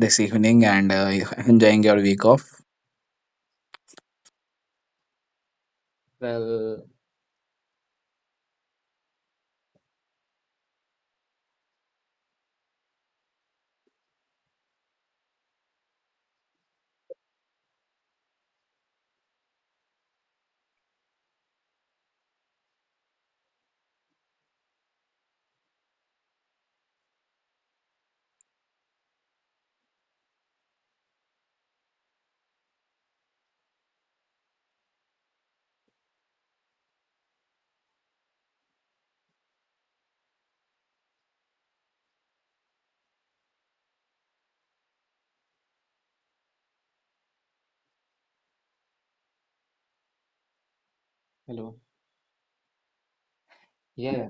this evening and enjoying your week off. Well, hello. yeah,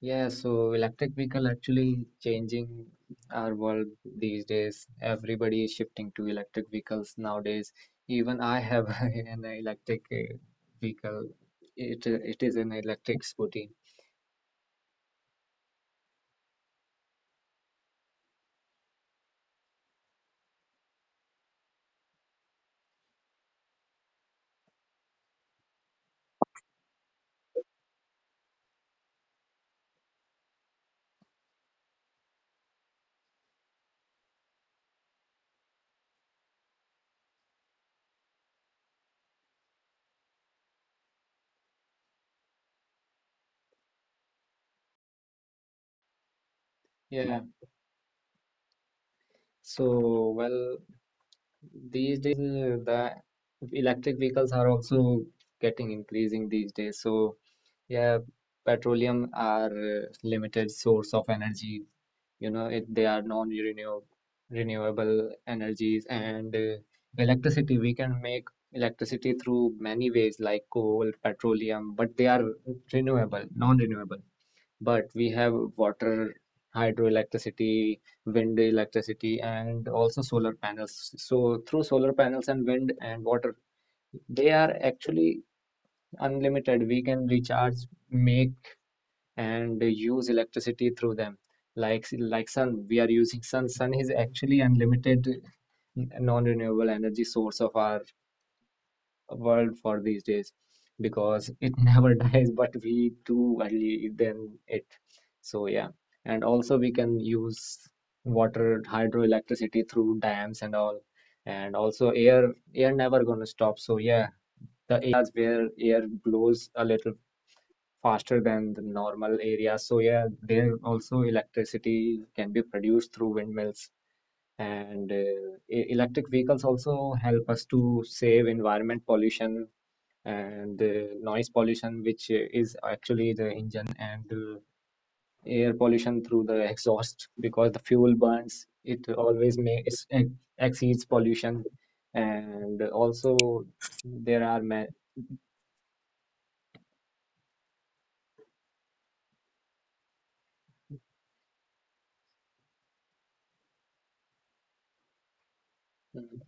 yeah. So electric vehicle actually changing our world these days. Everybody is shifting to electric vehicles nowadays. Even I have an electric vehicle. It is an electric scooty. Yeah, so well, these days, the electric vehicles are also getting increasing these days. So, yeah, petroleum are limited source of energy. They are non-renewable renewable energies and electricity. We can make electricity through many ways like coal, petroleum, but they are non-renewable, but we have water, hydroelectricity, wind electricity, and also solar panels. So through solar panels and wind and water, they are actually unlimited. We can recharge, make, and use electricity through them. Like sun, we are using sun. Sun is actually unlimited non-renewable energy source of our world for these days because it never dies, but we do value than it. So yeah, and also we can use water hydroelectricity through dams and all, and also air never gonna stop. So yeah, the areas where air blows a little faster than the normal areas. So yeah, there also electricity can be produced through windmills. And electric vehicles also help us to save environment pollution and the noise pollution which is actually the engine and air pollution through the exhaust because the fuel burns it always makes exceeds pollution and also there are Mm,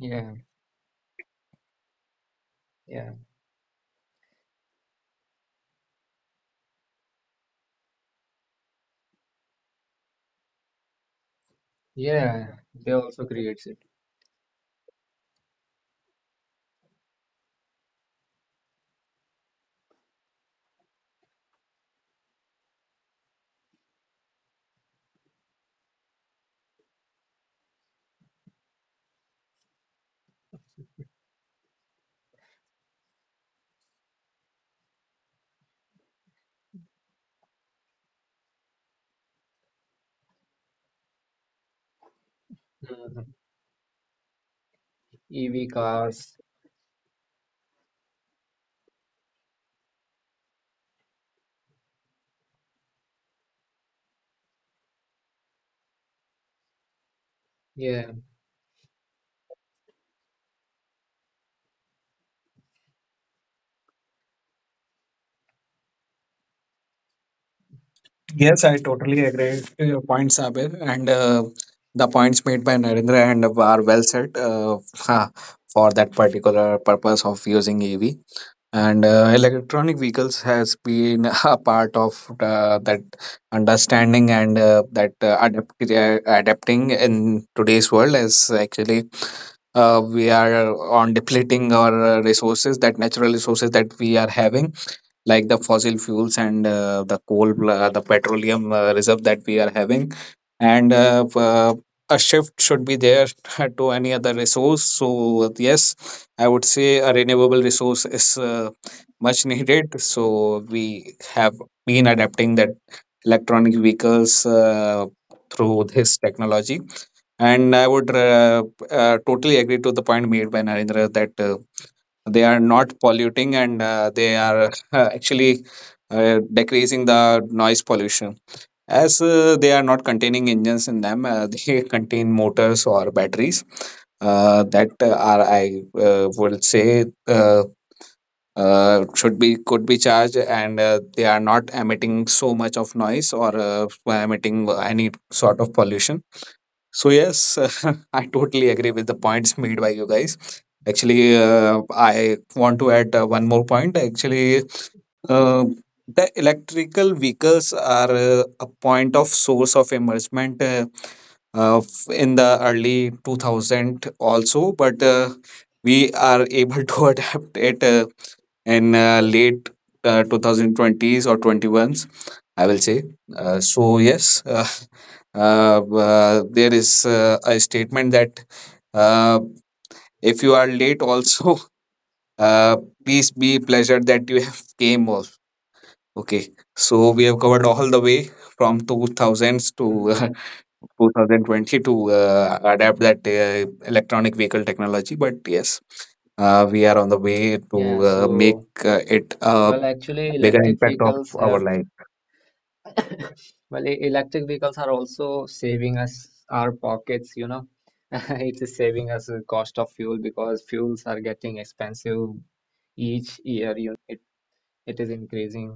yeah yeah yeah, they also creates it. Mhm. EV cars, yeah, Yes, I totally agree to your point, Sabir, and the points made by Narendra and Ab are well said for that particular purpose of using EV. And Electronic vehicles has been a part of that understanding, and adapting in today's world is actually we are on depleting our resources, that natural resources that we are having like the fossil fuels and the coal, the petroleum reserve that we are having. And a shift should be there to any other resource. So, yes, I would say a renewable resource is much needed. So, we have been adapting that electronic vehicles through this technology. And I would totally agree to the point made by Narendra that. They are not polluting, and they are actually decreasing the noise pollution as they are not containing engines in them. They contain motors or batteries that are I would say should be, could be charged, and they are not emitting so much of noise or emitting any sort of pollution. So yes, I totally agree with the points made by you guys. Actually, I want to add one more point. Actually, uh, the electrical vehicles are a point of source of emergement in the early 2000 also, but we are able to adapt it in late 2020s or 21s, I will say. So yes. There is a statement that uh, if you are late also, uh, please be pleasured that you have came. Okay, so we have covered all the way from 2000s to mm, 2020 to adapt that electronic vehicle technology. But yes, we are on the way to yeah, make so it a well, actually bigger electric impact of vehicles our have life. well, electric vehicles are also saving us our pockets, you know. It is saving us the cost of fuel because fuels are getting expensive each year, you know. It is increasing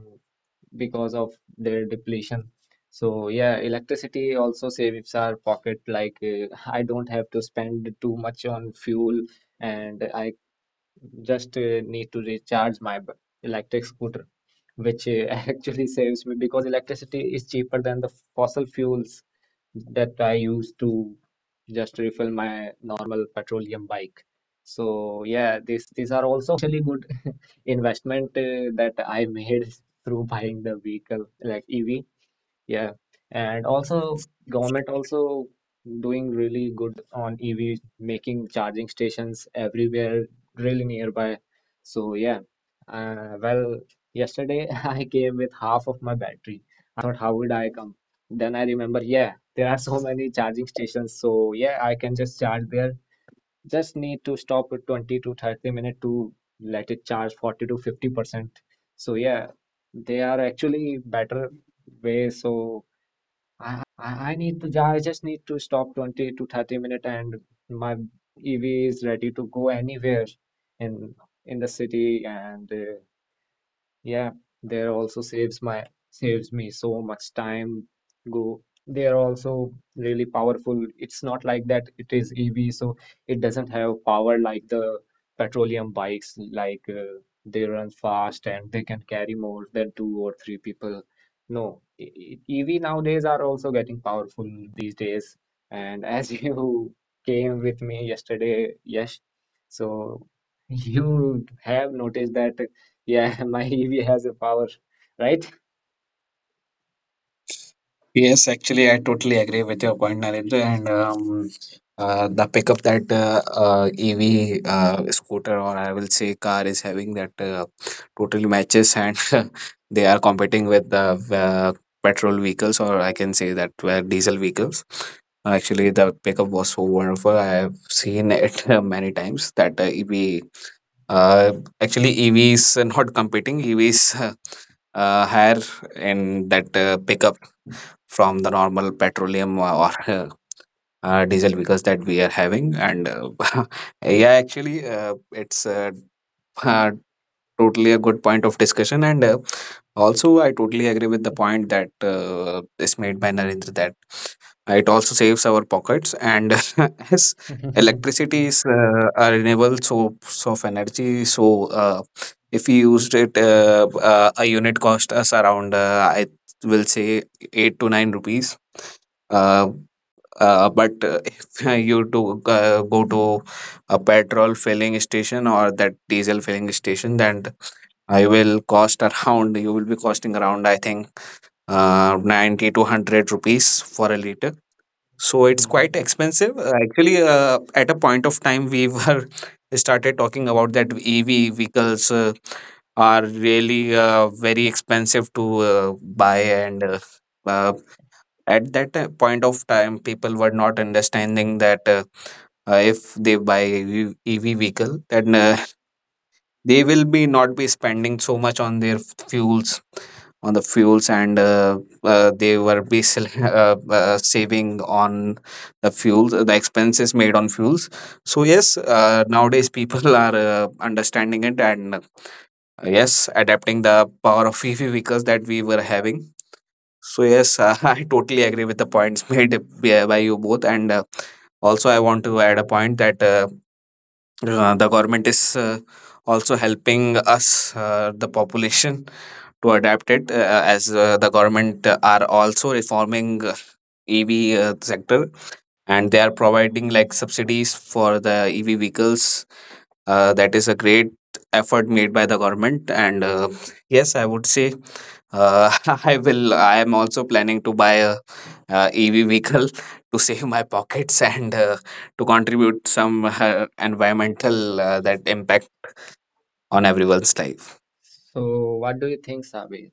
because of their depletion. So yeah, electricity also saves our pocket. Like I don't have to spend too much on fuel, and I just need to recharge my electric scooter which actually saves me because electricity is cheaper than the fossil fuels that I use to just refill my normal petroleum bike. So yeah, these are also financially good investment that I made through buying the vehicle like EV. Yeah, and also government also doing really good on EV, making charging stations everywhere, really nearby. So yeah, uh, well, yesterday I came with half of my battery. I thought, how would I come? Then I remember, yeah, there are so many charging stations. So yeah, I can just charge there. Just need to stop at 20 to 30 minutes to let it charge 40 to 50%. So yeah, they are actually better way, so I need to, I just need to stop 20 to 30 minute and my EV is ready to go anywhere in in the city and yeah, there also saves me so much time. Go. They are also really powerful. It's not like that it is EV, so it doesn't have power like the petroleum bikes. Like they run fast and they can carry more than two or three people. No, EV nowadays are also getting powerful these days. And as you came with me yesterday, yes, so you have noticed that yeah, my EV has a power, right? Yes, actually, I totally agree with your point, Narendra. And the pickup that EV scooter, or I will say car, is having, that totally matches, and they are competing with the petrol vehicles, or I can say that were diesel vehicles. Actually, the pickup was so wonderful. I have seen it many times that EV uh, actually, EV is not competing. EVs higher in that pickup from the normal petroleum or diesel because that we are having. And yeah, actually, it's totally a good point of discussion. And also, I totally agree with the point that is made by Narendra, that it also saves our pockets. And as electricity is a renewable source of energy, so if we used it, a unit cost us around I will say 8 to 9 rupees. uh, but if you do go to a petrol filling station or that diesel filling station, then I will cost around, you will be costing around, I think, 90 to 100 rupees for a liter. So it's quite Hmm. expensive. Actually, at a point of time, we were started talking about that EV vehicles are really very expensive to buy. And uh, at that point of time, people were not understanding that if they buy EV vehicle, then they will be not be spending so much on their fuels, on the fuels. And they were be saving on the fuels, the expenses made on fuels. So yes, nowadays people are understanding it, and yes, adapting the power of EV vehicles that we were having. So yes, I totally agree with the points made by you both. And also, I want to add a point, that the government is also helping us, the population, to adapt it, as the government are also reforming EV sector, and they are providing like subsidies for the EV vehicles. That is a great effort made by the government. And yes, I would say uh, I will. I am also planning to buy a, EV vehicle to save my pockets and to contribute some environmental that impact on everyone's life. So, what do you think, Sabi?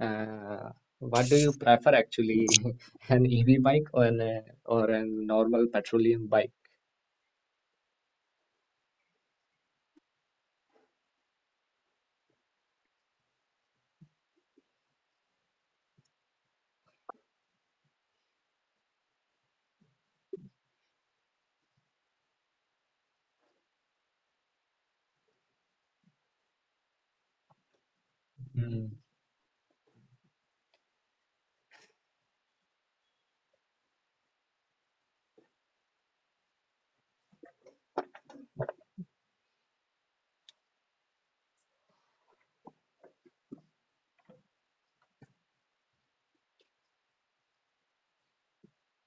Uh, what do you prefer actually, an EV bike or an or a normal petroleum bike? Mm.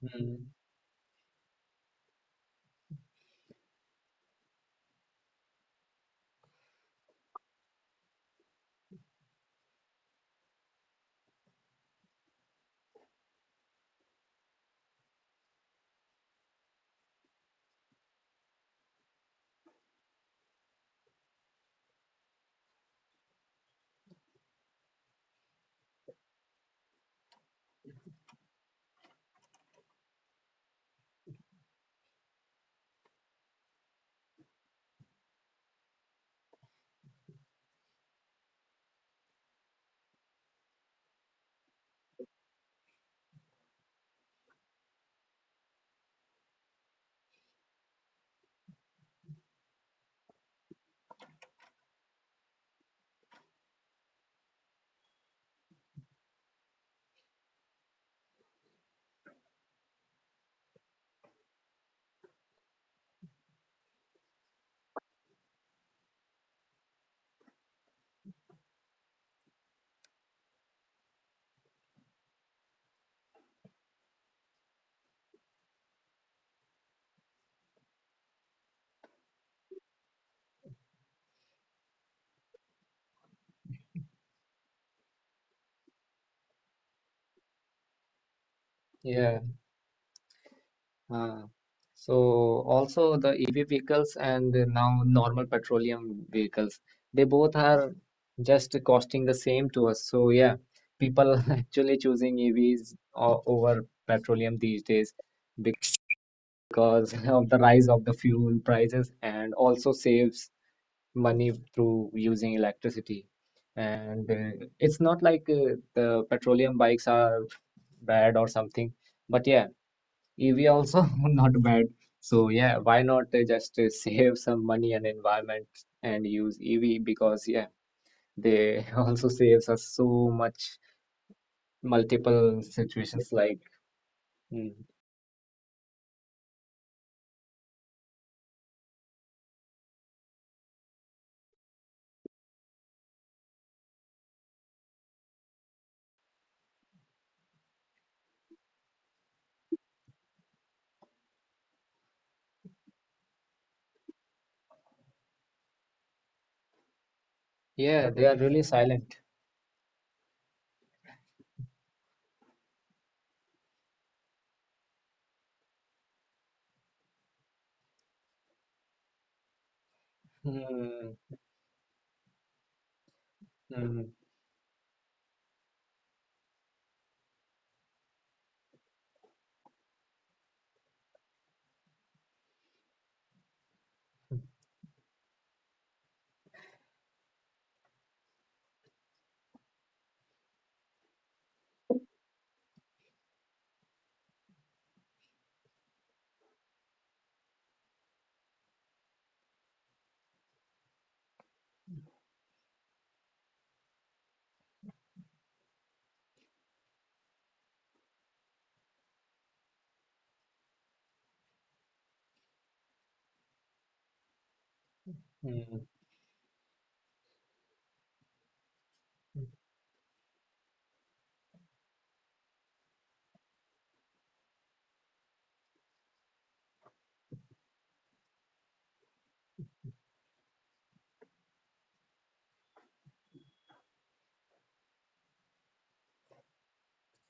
Mm. Yeah. Uh, so also the EV vehicles and now normal petroleum vehicles, they both are just costing the same to us. So yeah, people actually choosing EVs over petroleum these days because of the rise of the fuel prices and also saves money through using electricity. And it's not like the petroleum bikes are bad or something, but yeah. EV also not bad. So yeah, why not just save some money and environment and use EV because yeah, they also saves us so much multiple situations like mm, yeah, they are really silent. Mm, mm, mm.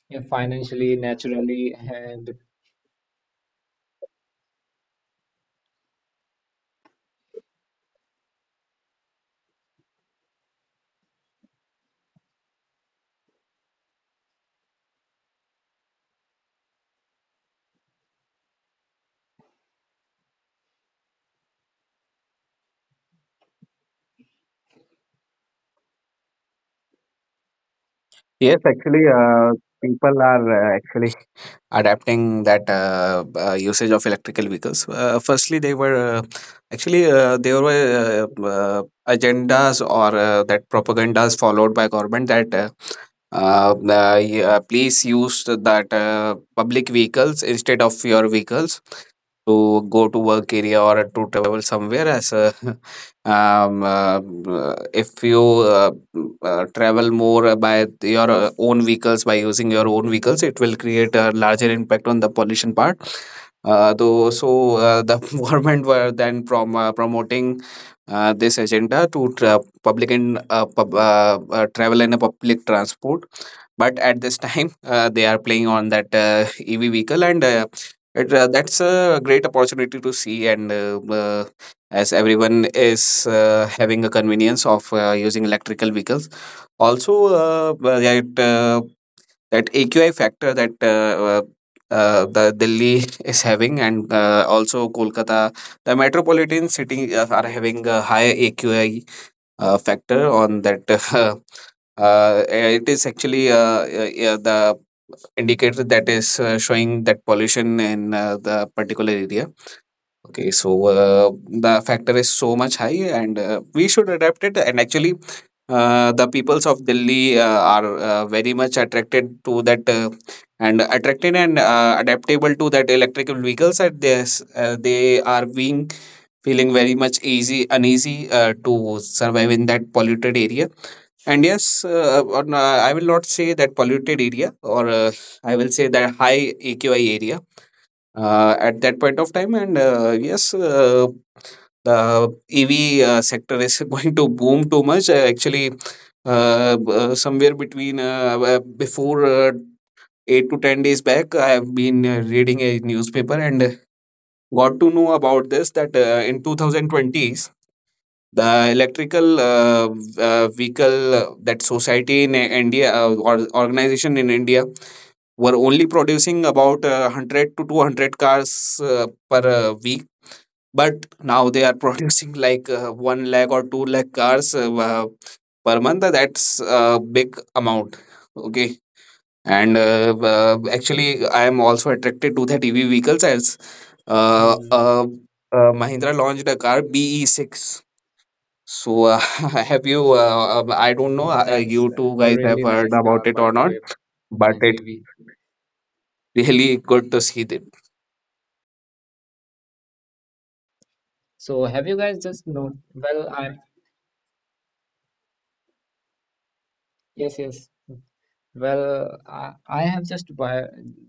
Yeah, financially, naturally, and Yes, actually, people are actually adapting that usage of electrical vehicles. Firstly, they were actually there were uh, uh, agendas or that propagandas followed by government, that uh, uh, please use that public vehicles instead of your vehicles to go to work area or to travel somewhere. As if you travel more by your own vehicles, by using your own vehicles, it will create a larger impact on the pollution part though. So the government were then promoting this agenda to public and travel in a public transport. But at this time, they are playing on that EV vehicle, and that's a great opportunity to see. And as everyone is having a convenience of using electrical vehicles. Also, but that that AQI factor that the Delhi is having, and also Kolkata, the metropolitan city, are having a high AQI factor on that. It is actually yeah, the indicator that is showing that pollution in the particular area. Okay, so the factor is so much high, and we should adapt it. And actually, the peoples of Delhi are very much attracted to that, and attracted and adaptable to that electrical vehicles. That they are being feeling very much easy, uneasy, to survive in that polluted area. And yes, I will not say that polluted area, or I will say that high AQI area at that point of time. And yes, the EV sector is going to boom too much. Actually, somewhere between before 8 to 10 days back, I have been reading a newspaper and got to know about this, that in 2020s. The electrical vehicle that society in India or organization in India were only producing about 100 to 200 cars per week, but now they are producing like 1 lakh or 2 lakh cars per month. That's a big amount. Okay. And actually, I am also attracted to that EV vehicles as uh, mm, uh, uh, Mahindra launched a car, BE6. So, have you? I don't know. That's You two a guys have really heard nice about car it by or the not? way But as it's EV. really good to see the. So have you guys just know? Well, I'm yes, yes. Well, I have just buy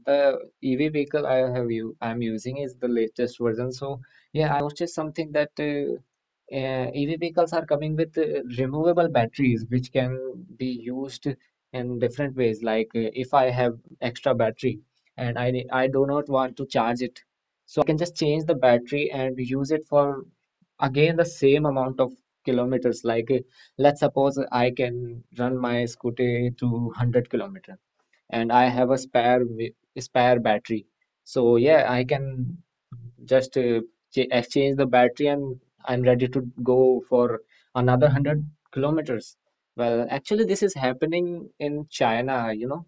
the EV vehicle I have you I'm using is the latest version. So yeah, I have noticed something that EV vehicles are coming with removable batteries, which can be used in different ways. Like if I have extra battery and I I do not want to charge it, so I can just change the battery and use it for again the same amount of kilometers. Like let's suppose I can run my scooter to 100 kilometer and I have a spare battery. So yeah, I can just ch exchange the battery and I'm ready to go for another 100 kilometers. Well, actually, this is happening in China, you know.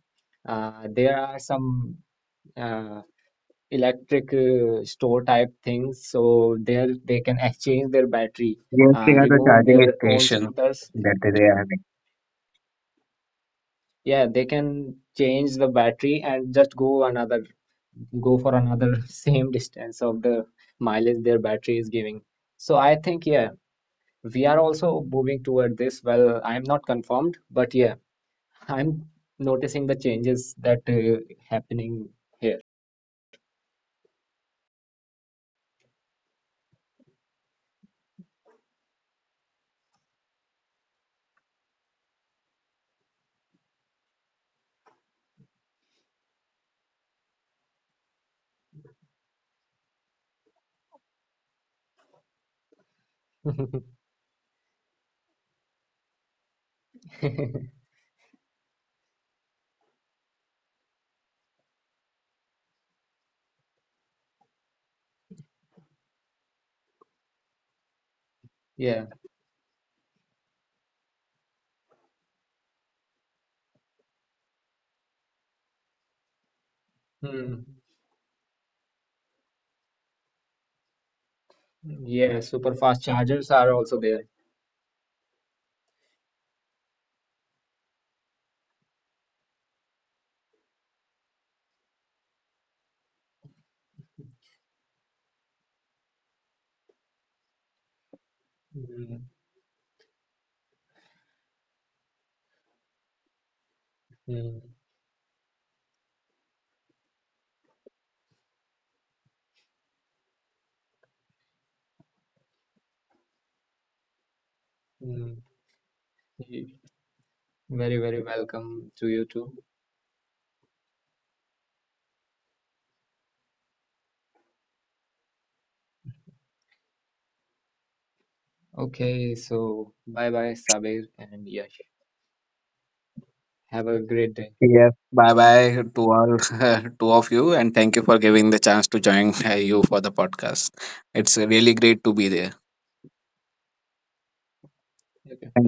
There are some uh, electric store type things, so there they can exchange their battery, Yes, we have a remove charging their own station scooters. that they are having. Yeah, they can change the battery and just go for another same distance of the mileage their battery is giving. So I think, yeah, we are also moving toward this. Well, I'm not confirmed, but yeah, I'm noticing the changes that happening here. Yeah. Hmm. Yeah, super fast chargers are also there. Mm, mm, mm. Y- Very, very welcome to you too. Okay, so bye bye, Sabir and Yash. Have a great day. Yes, bye bye to all two of you, and thank you for giving the chance to join you for the podcast. It's really great to be there. Okay, Thank